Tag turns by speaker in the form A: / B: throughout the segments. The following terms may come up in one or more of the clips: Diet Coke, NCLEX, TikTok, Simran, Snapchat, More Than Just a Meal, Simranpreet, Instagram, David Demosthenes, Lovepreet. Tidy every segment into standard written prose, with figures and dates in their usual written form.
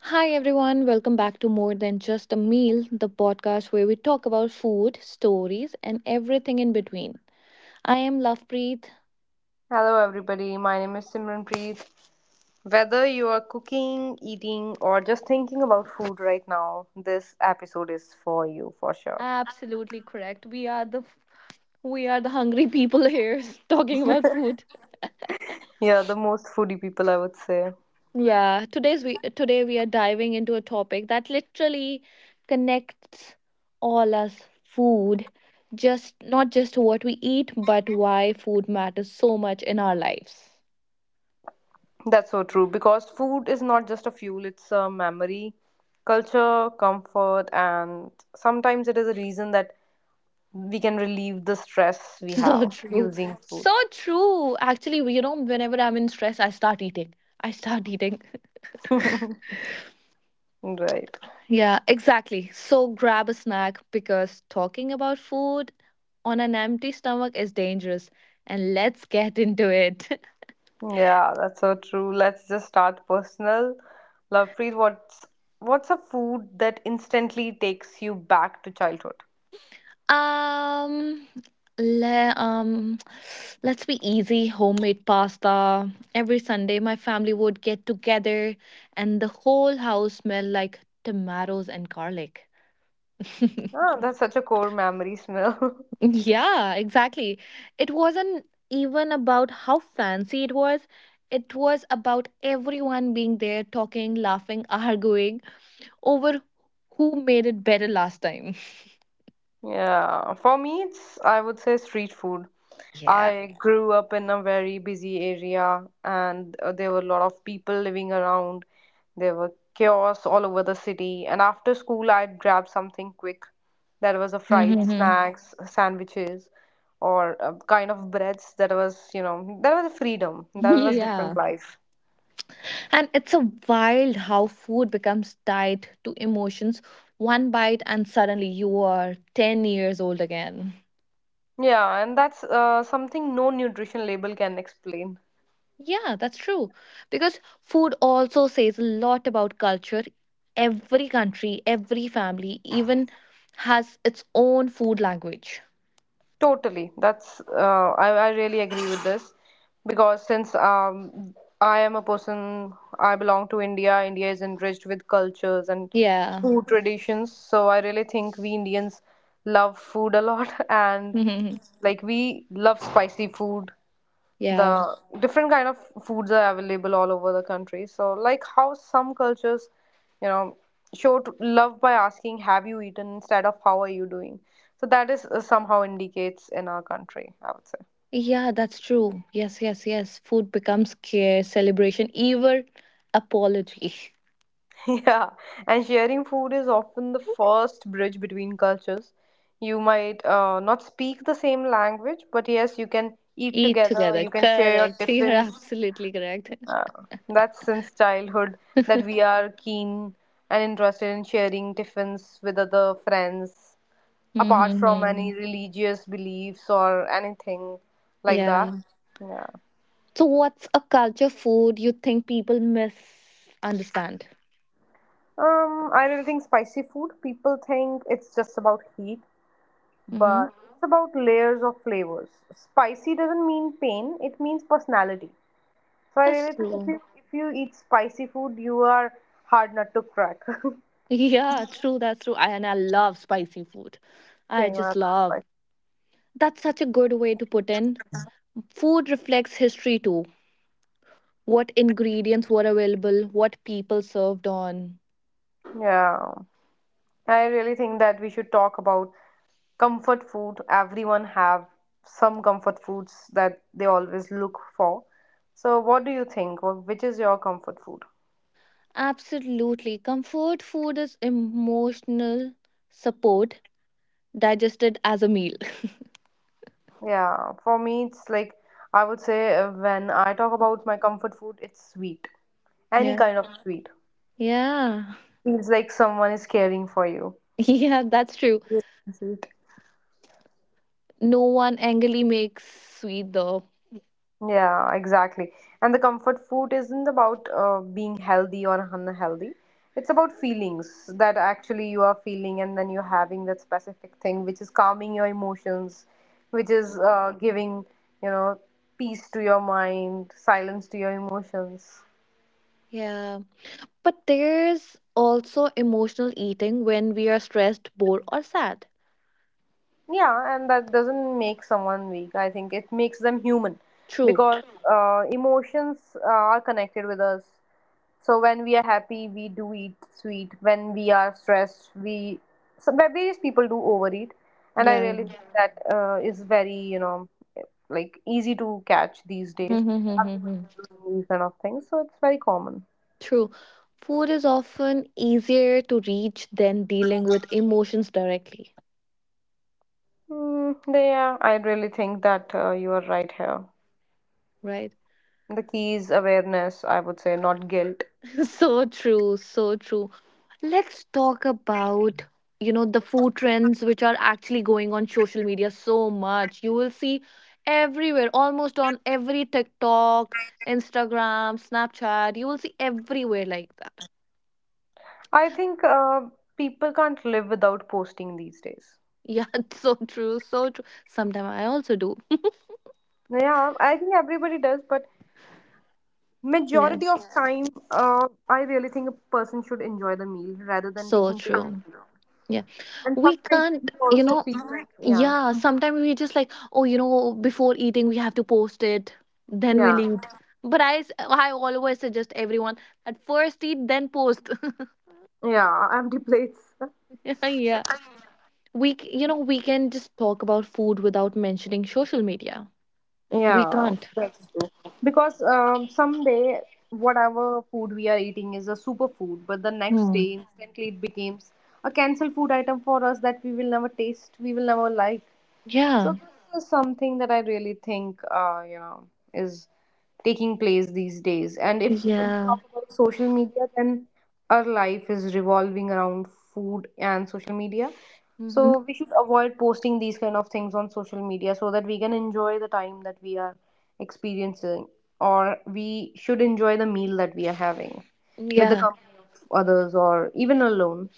A: Hi everyone, welcome back to More Than Just a Meal, the podcast where we talk about food, stories, and everything in between. I am Lovepreet.
B: Hello, everybody. My name is Simranpreet. Whether you are cooking, eating, or just thinking about food right now, this episode is for you for sure.
A: Absolutely correct. We are the hungry people here talking about food.
B: Yeah, the most foodie people, I would say.
A: Yeah, today we are diving into a topic that literally connects all us food. Just not just what we eat, but why food matters so much in our lives.
B: That's so true because food is not just a fuel, it's a memory, culture, comfort, and sometimes it is a reason that we can relieve the stress we
A: So
B: have
A: true.
B: using food.
A: So true. Actually, you know, whenever I'm in stress, I start eating. I start eating.
B: Right.
A: Yeah, exactly. So grab a snack because talking about food on an empty stomach is dangerous. And let's get into it.
B: Yeah, that's so true. Let's just start personal. Lovepreet, what's a food that instantly takes you back to childhood?
A: um, le- um, let's be easy. Homemade pasta. Every Sunday, my family would get together, and the whole house smelled like tomatoes and garlic.
B: Ah, that's such a core memory smell.
A: Yeah, exactly. It wasn't even about how fancy it was. It was about everyone being there, talking, laughing, arguing over who made it better last time.
B: Yeah, for me, it's I would say street food.
A: Yeah.
B: I grew up in a very busy area, and there were a lot of people living around. There were kiosks all over the city, and after school, I'd grab something quick. That was a fried
A: Mhm.
B: snacks, sandwiches, or a kind of breads. That was a freedom. That was different
A: yeah.
B: life.
A: And it's a wild how food becomes tied to emotions. One bite, and suddenly you are 10 years old again.
B: Yeah, and that's something no nutrition label can explain.
A: Yeah, that's true. Because food also says a lot about culture. Every country, every family even has its own food language.
B: Totally. That's I really agree with this because since I am a person, I belong to India. India is enriched with cultures and
A: Yeah.
B: food traditions. So I really think we Indians love food a lot and
A: yeah.
B: like we love spicy food. The different kind of foods are available all over the country. So like how some cultures you know show love by asking have you eaten instead of how are you doing. So that is, somehow indicates in our country, I would say.
A: Yeah, that's true. Yes. Food becomes care, celebration, even apology.
B: Yeah, and sharing food is often the first bridge between cultures. You might, not speak the same language, but yes, you can eat
A: Eat
B: together.
A: together.
B: You can share your
A: Correct. You're
B: tiffins.
A: absolutely correct.
B: Uh, that's since childhood that we are keen and interested in sharing tiffins with other friends, apart from
A: Mm-hmm.
B: any religious beliefs or anything like
A: Yeah.
B: that. Yeah.
A: So, what's a culture food you think people misunderstand?
B: I really think spicy food, people think it's just about heat,
A: Mm-hmm.
B: but it's about layers of flavors. Spicy doesn't mean pain, it means personality. So I
A: That's
B: really think if
A: true.
B: you, if you eat spicy food, you are hard not to crack.
A: Yeah, true. That's true. And I love spicy food. I
B: Same
A: just
B: as
A: love.
B: spicy.
A: That's such a good way to put in. Food reflects history too. What ingredients were available, what people served on.
B: Yeah. I really think that we should talk about comfort food. Everyone have some comfort foods that they always look for. So what do you think? Which is your comfort food?
A: Absolutely. Comfort food is emotional support digested as a meal.
B: Yeah, for me it's like I would say when I talk about my comfort food, it's sweet. Any
A: Yeah.
B: kind of sweet.
A: Yeah.
B: Feels like someone is caring for you.
A: Yeah, that's true.
B: Yes, sweet.
A: No one angrily makes sweet though.
B: Yeah, exactly. And the comfort food isn't about being healthy or unhealthy. It's about feelings that actually you are feeling, and then you're having that specific thing, which is calming your emotions, which is
A: Mm.
B: giving, you know, peace to your mind, silence to your emotions.
A: Yeah. But there's also emotional eating when we are stressed, bored, or sad.
B: Yeah, and that doesn't make someone weak. I think it makes them human
A: True.
B: because emotions are connected with us. So when we are happy, we do eat sweet. When we are stressed, we so various people do overeat, and I
A: Yeah.
B: really think that is very like easy to catch these days. Everybody is doing these kind of things, so it's very common.
A: True. Food is often easier to reach than dealing with emotions directly,
B: Mm, yeah, I really think that you are right here.
A: right?
B: The key is awareness, I would say, not guilt.
A: So true. Let's talk about, you know, the food trends which are actually going on social media so much. You will see everywhere, almost on every TikTok, Instagram, Snapchat, you will see everywhere like that.
B: I think people can't live without posting these days.
A: Yeah, it's so true. Sometimes I also do.
B: Yeah, I think everybody does, but
A: Yeah,
B: majority of time, I really think a person should enjoy the meal rather than
A: so
B: taking pictures.
A: true. Yeah,
B: And
A: we
B: sometimes
A: can't,
B: you
A: you
B: also
A: know,
B: feel like, yeah,
A: yeah, sometimes we just like, oh, you know, before eating, we have to post it, then we'll
B: yeah,
A: eat. But I always suggest everyone at first eat, then post.
B: yeah, empty plates.
A: Yeah, you know, we can just talk about food without mentioning social media. We
B: Yeah,
A: can't.
B: that's true. Because someday, whatever food we are eating is a superfood, but the next day,
A: Hmm.
B: instantly, it becomes a cancelled food item for us that we will never taste, we will never like. So
A: Yeah,
B: this is something that I really think, is taking place these days. And if we
A: yeah,
B: talk about social media, then our life is revolving around food and social media.
A: mm-hmm.
B: So we should avoid posting these kind of things on social media so that we can enjoy the time that we are experiencing, or we should enjoy the meal that we are having with the
A: yeah.
B: company of others or even alone.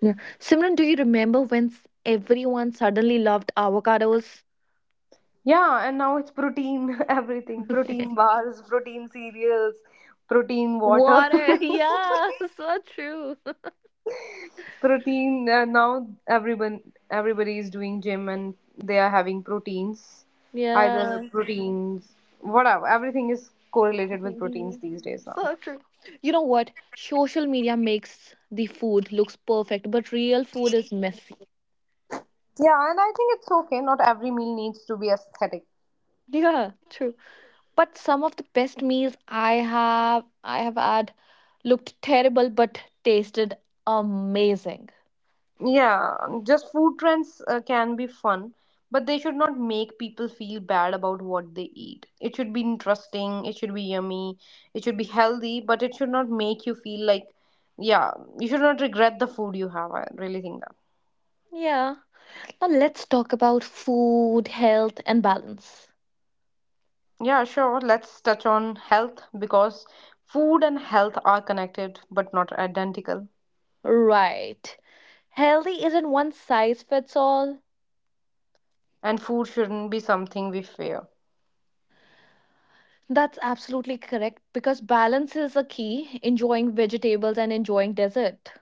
A: Yeah. Simran, do you remember when everyone suddenly loved avocados?
B: Yeah, and now it's protein, everything protein bars, protein cereals, protein water,
A: Water. Yeah. So true.
B: protein. Now everybody is doing gym and they are having proteins,
A: Yeah.
B: either proteins, whatever. Everything is correlated with proteins
A: Yeah.
B: these days now.
A: So true. You know what? Social media makes the food looks perfect, but real food is messy.
B: Yeah, and I think it's okay. Not every meal needs to be aesthetic.
A: Yeah, true. But some of the best meals I have had looked terrible but tasted amazing.
B: Yeah, just food trends can be fun, but they should not make people feel bad about what they eat. It should be interesting, it should be yummy, it should be healthy, but it should not make you feel like, yeah, you should not regret the food you have. I really think that.
A: Yeah. Now let's talk about food, health and balance.
B: Yeah, sure, let's touch on health because food and health are connected but not identical,
A: Right. Healthy isn't one size fits all.
B: and food shouldn't be something we fear.
A: That's absolutely correct because balance is a key, enjoying vegetables and enjoying dessert.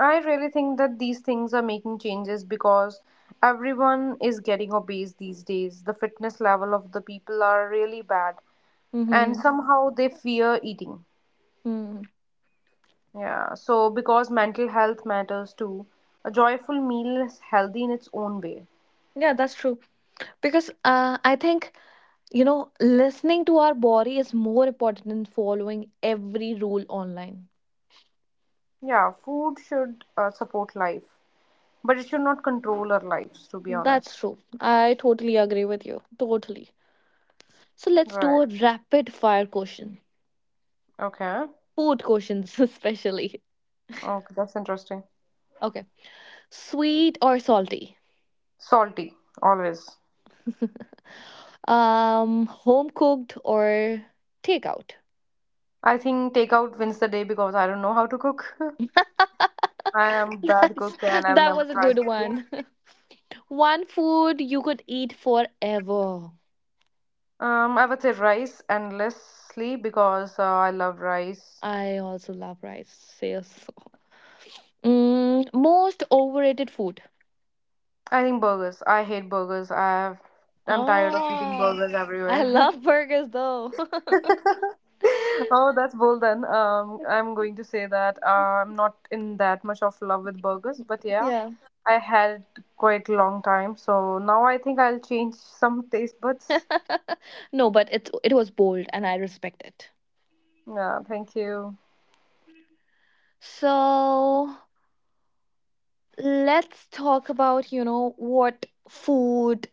B: I really think that these things are making changes because everyone is getting obese these days. The fitness level of the people are really bad, and
A: Mm-hmm.
B: somehow they fear eating.
A: Mm.
B: Yeah, so because mental health matters too, a joyful meal is healthy in its own way.
A: Yeah, that's true. Because I think, you know, listening to our body is more important than following every rule online.
B: Yeah, food should support life, but it should not control our lives, to be
A: That's
B: honest.
A: true. I totally agree with you. Totally. So let's do
B: Right.
A: a rapid fire question.
B: Okay.
A: Food questions, especially.
B: Okay, that's interesting.
A: Okay. Sweet or salty?
B: Salty, always.
A: Home cooked or takeout.
B: I think takeout wins the day because I don't know how to cook. I am bad
A: that's
B: cook and I've
A: that
B: never
A: was a good
B: tried cooking.
A: one. One food you could eat forever.
B: I would say rice endlessly because I love rice.
A: I also love rice. Yes. Mm, most overrated food.
B: I think burgers. I hate burgers. I'm tired of eating
A: Oh,
B: burgers
A: I
B: everywhere.
A: love burgers though.
B: Oh, that's bold then. I'm going to say that I'm not in that much of love with burgers, but yeah,
A: Yeah.
B: I had quite long time. So now I think I'll change some taste buds.
A: No, but it was bold and I respect it.
B: Yeah, thank you.
A: So let's talk about, you know, what food,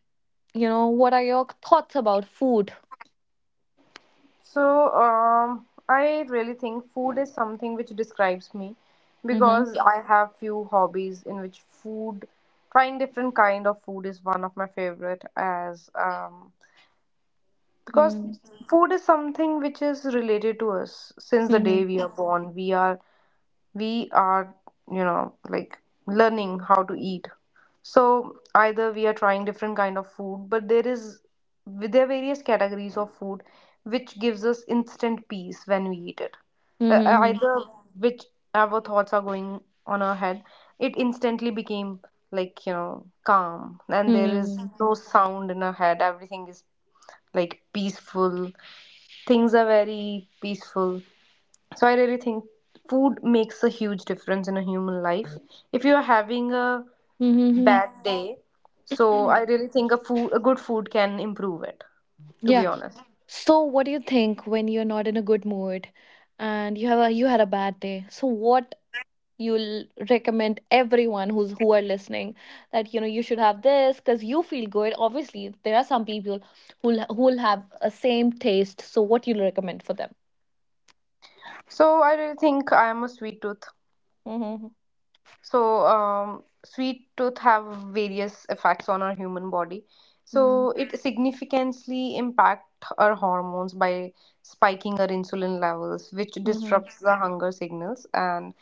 A: you know, what are your thoughts about food.
B: So, I really think food is something which describes me
A: Mm-hmm.
B: because I have few hobbies in which food, trying different kind of food is one of my favorite as because food is something which is related to us since the
A: Mm-hmm.
B: day we are born. We are like learning how to eat, so either we are trying different kind of food, but there are various categories of food which gives us instant peace when we eat it,
A: Mm-hmm.
B: either which our thoughts are going on our head, it instantly became like calm, and there is
A: Mm-hmm.
B: no sound in our head, everything is like peaceful, things are very peaceful. So I really think food makes a huge difference in a human life. If you're having a
A: Mm-hmm.
B: bad day, so I really think a good food can improve it, to
A: Yeah.
B: be honest.
A: So what do you think when you're not in a good mood and you had a bad day, so what you'll recommend everyone who are listening, that you know you should have this because you feel good? Obviously there are some people who'll have a same taste, so what you'll recommend for them?
B: So I really think I am a sweet tooth.
A: Mm-hmm.
B: So sweet tooth have various effects on our human body,
A: Mm-hmm.
B: so it significantly impact our hormones by spiking our insulin levels, which
A: Mm-hmm.
B: disrupts the hunger signals, and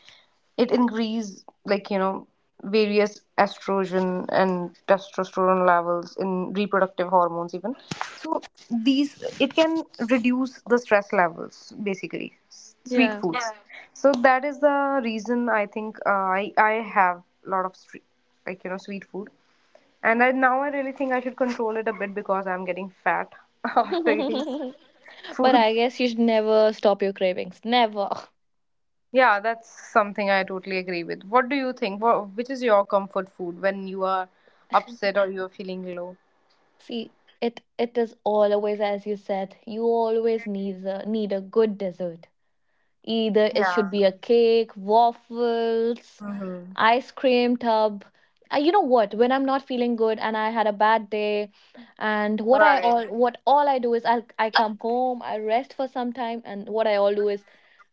B: it increase like various estrogen and testosterone levels in reproductive hormones even. So these it can reduce the stress levels basically sweet
A: Yeah.
B: foods. Yeah. So that is the reason I think, I have a lot of like sweet food, and now I really think I should control it a bit because I'm getting fat after eating such
A: But
B: foods.
A: I guess you should never stop your cravings. Never.
B: Yeah, that's something I totally agree with. What do you think? Which is your comfort food when you are upset or you're feeling low?
A: See, it is always as you said. You always need a good dessert. Either it should
B: Yeah.
A: be a cake, waffles,
B: Mm-hmm.
A: ice cream tub. You know what? When I'm not feeling good and I had a bad day, and what I
B: Right.
A: all what all I do is I come home, I rest for some time, and what I all do is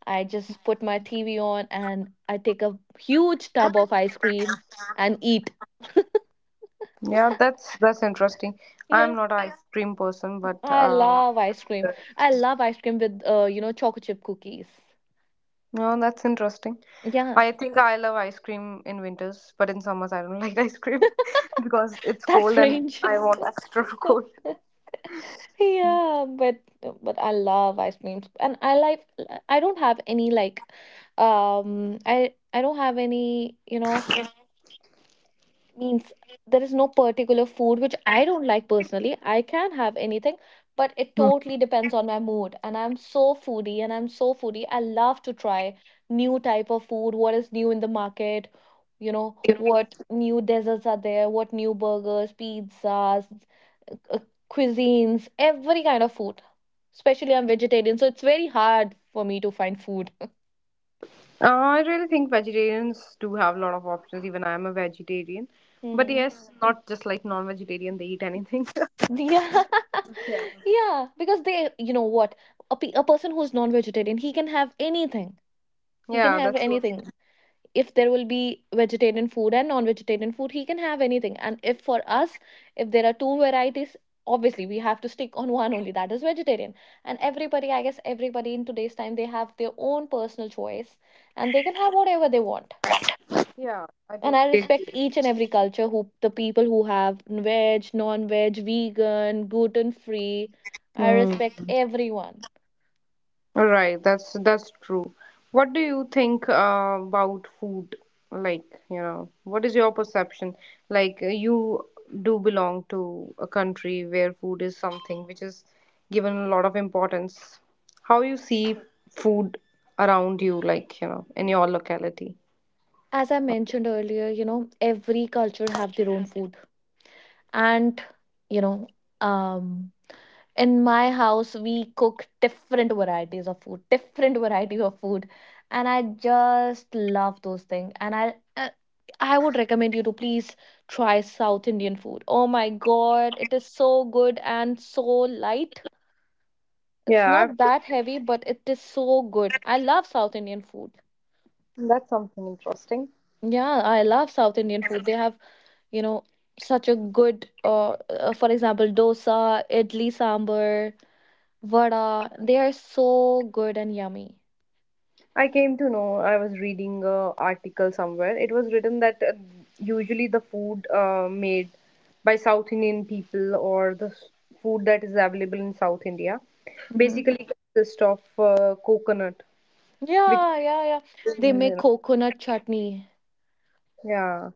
A: I just put my TV on and I take a huge tub of ice cream and eat.
B: Yeah, that's interesting.
A: Yeah.
B: I'm not an ice cream person, but
A: I love ice cream.
B: that-
A: I love ice cream with you know, chocolate chip cookies.
B: no, that's interesting.
A: Yeah,
B: I think I love ice cream in winters, but in summers I don't like ice cream because it's
A: that's
B: cold and
A: strange.
B: I want extra cold.
A: Yeah, but I love ice creams and I like, I don't have any like I don't have any, you know, means there is no particular food which I don't like personally. I can have anything, but it totally depends on my mood. And I'm so foodie. I love to try new type of food, what is new in the market, you know, what new desserts are there, what new burgers, pizzas, uh, cuisines, every kind of food. Especially I'm vegetarian, so it's very hard for me to find food.
B: Uh, I really think vegetarians do have a lot of options. Even I am a vegetarian, but
A: Mhm.
B: yes, not just like non-vegetarian. They eat anything.
A: Yeah, yeah, because they, you know what, a person who's non-vegetarian, he can have anything. He can
B: Yeah,
A: have
B: that's so
A: anything.
B: true.
A: If there will be vegetarian food and non-vegetarian food, he can have anything. And if for us, if there are two varieties, obviously we have to stick on one only, that is vegetarian. And everybody, I guess everybody in today's time, they have their own personal choice and they can have whatever they want.
B: Yeah, I
A: And
B: totally
A: I
B: agree.
A: respect each and every culture, who the people who have veg, non-veg, vegan, gluten-free. I
B: Hmm.
A: respect everyone.
B: Right, that's true. What do you think about food? Like, what is your perception? Like, you do belong to a country where food is something which is given a lot of importance. How you see food around you, like, in your locality?
A: As I mentioned earlier, you know, every culture have their own food. And you know, um in my house we cook different varieties of food, and I just love those things, and I would recommend you to please try South Indian food. Oh my God, it is so good and so light. It's
B: Yeah,
A: not that heavy but it is so good. I love South Indian food.
B: that's something interesting.
A: Yeah, I love South Indian food. They have, you know, such a good for example, dosa, idli sambar, vada. They are so good and yummy.
B: I came to know, I was reading a article somewhere. It was written that usually the food made by South Indian people or the food that is available in South India
A: Mhm.
B: basically consists of coconut, which
A: Yeah.
B: is,
A: They make
B: you know,
A: coconut chutney,
B: Yeah.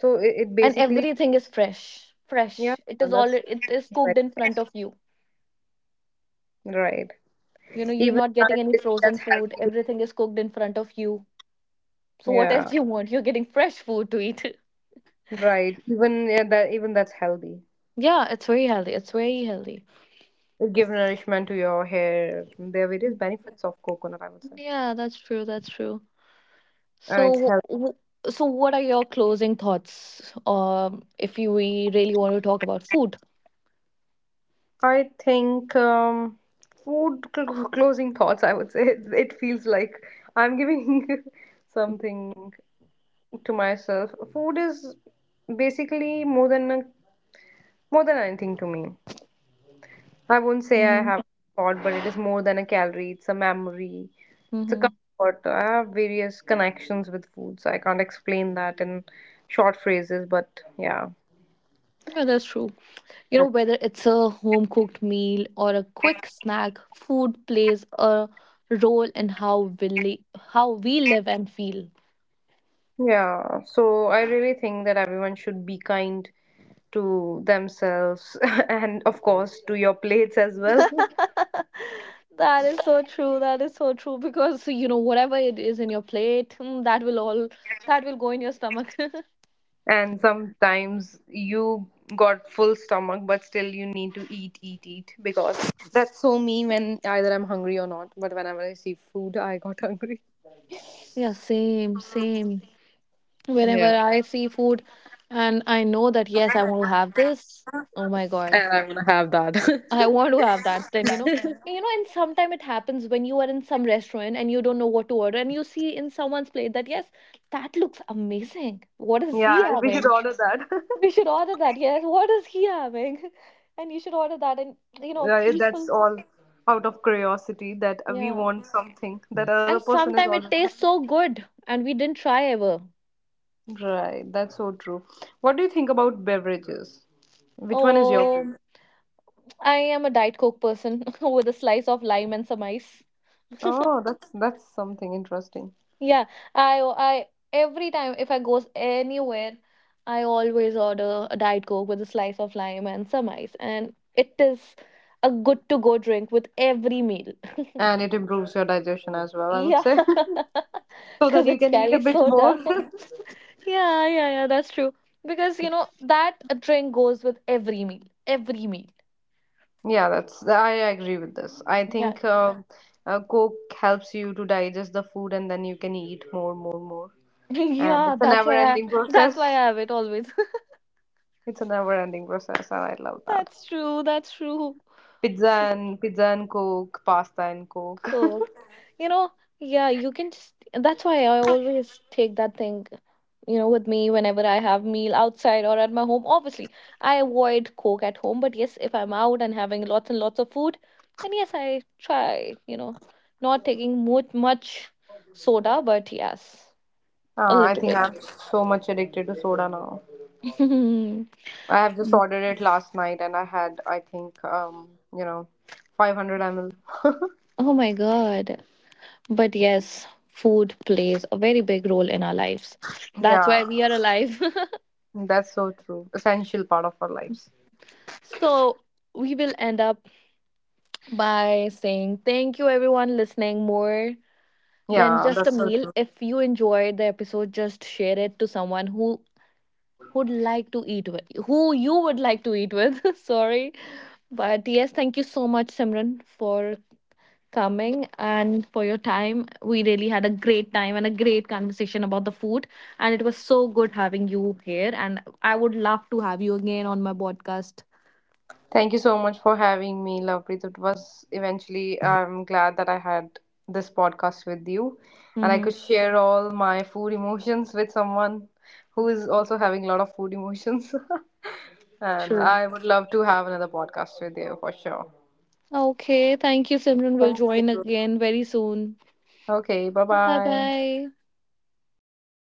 B: So it
A: and
B: basically,
A: everything is fresh.
B: yeah,
A: Fresh. It is all
B: that's
A: it is
B: very
A: cooked in front
B: nice.
A: of you.
B: Right.
A: You know, you're
B: Even
A: not
B: I
A: getting any
B: think
A: frozen
B: that's
A: food.
B: healthy.
A: Everything is cooked in front of you. So what
B: Yeah,
A: else you want? You're getting fresh food to eat.
B: right. Even yeah, that even that's healthy.
A: Yeah, it's very healthy. It's very healthy.
B: It gives nourishment to your hair. There are various benefits of coconut, I would say.
A: Yeah, that's true. That's true. So,
B: And it's healthy.
A: so what are your closing thoughts? If you we really want to talk about food.
B: I think food closing thoughts. I would say it feels like I'm giving something to myself. Food is basically more than anything to me. I won't say I
A: Mm-hmm.
B: have thought, but it is more than a calorie. It's a memory. It's a
A: Mm-hmm.
B: comfort. I have various connections with food, so I can't explain that in short phrases. But yeah,
A: Yeah, that's true. You know,
B: that's
A: whether it's a home cooked meal or a quick snack, food plays a role in how how we live and feel.
B: yeah, so I really think that everyone should be kind to themselves and of course to your plates as well.
A: That is so true. That is so true, because you know whatever it is in your plate, mm, that will go in your stomach.
B: And sometimes you got full stomach but still you need to eat eat eat because that's so me when either I'm hungry or not, but whenever I see food I got hungry.
A: Yeah, same. Whenever
B: Yeah,
A: I see food and I know that yes, I want to have this, oh my god.
B: and I'm gonna have that.
A: I want to have that. Then you know, and sometimes it happens when you are in some restaurant and you don't know what to order, and you see in someone's plate that yes, that looks amazing. What is he
B: Yeah, we should
A: having?
B: order that.
A: We should order that. Yes, what is he having? And you should order that. And you know,
B: Yeah, that's
A: people,
B: all out of curiosity that we
A: yeah.
B: want something that other
A: And
B: person is
A: sometimes it
B: already
A: tastes so good, and we didn't try ever.
B: having. Right, that's so true. What do you think about beverages? Which one is your
A: Oh.
B: favorite?
A: I am a Diet Coke person with a slice of lime and some ice.
B: Oh, that's something interesting.
A: Yeah, I every time if I goes anywhere, I always order a Diet Coke with a slice of lime and some ice, and it is a good to go drink with every meal.
B: And it improves your digestion as well, I would
A: Yeah,
B: say, so that
A: because
B: you
A: it's
B: can eat a
A: carries
B: bit more.
A: soda. Yeah, that's true. Because you know that drink goes with every meal, every meal.
B: Yeah, that's I agree with this. I
A: Yeah,
B: think Coke helps you to digest the food and then you can eat more, more, more. And
A: yeah,
B: it's a
A: that's why I
B: never-ending
A: that's why
B: process.
A: I have it always.
B: It's a never-ending process, and I love that.
A: That's true. That's true.
B: Pizza
A: So
B: and pizza and Coke, pasta and Coke.
A: cool. You know, yeah, you can just. That's why I always take that thing, you know, with me whenever I have meal outside or at my home. Obviously, I avoid Coke at home, but yes, if I'm out and having lots and lots of food, then yes, I try, you know, not taking much soda, but yes, a
B: Uh, I
A: little
B: think
A: bit.
B: I'm so much addicted to soda now.
A: Mm.
B: I have just ordered it last night and I had, I think, you know, 500 ml.
A: Oh my God. But yes, food plays a very big role in our lives. That's
B: Yeah,
A: why we are alive.
B: that's so true. Essential part of our lives.
A: So we will end up by saying thank you everyone, listening More Than
B: Yeah,
A: Just a
B: that's so
A: Meal.
B: true.
A: If you enjoyed the episode, just share it to someone who would like to eat with who you would like to eat with. Sorry. But yes, thank you so much, Simran, for coming and for your time. We really had a great time and a great conversation about the food. And it was so good having you here. And I would love to have you again on my podcast.
B: Thank you so much for having me, Lovepreet. It was eventually, I'm glad that I had this podcast with you and I could
A: Mm-hmm.
B: share all my food emotions with someone who is also having a lot of food emotions. And
A: Sure.
B: I would love to have another podcast with you for sure.
A: Okay. Thank you, Simran. We'll
B: Thank
A: join
B: you.
A: again very soon.
B: Okay, bye
A: Bye
B: bye.
A: bye.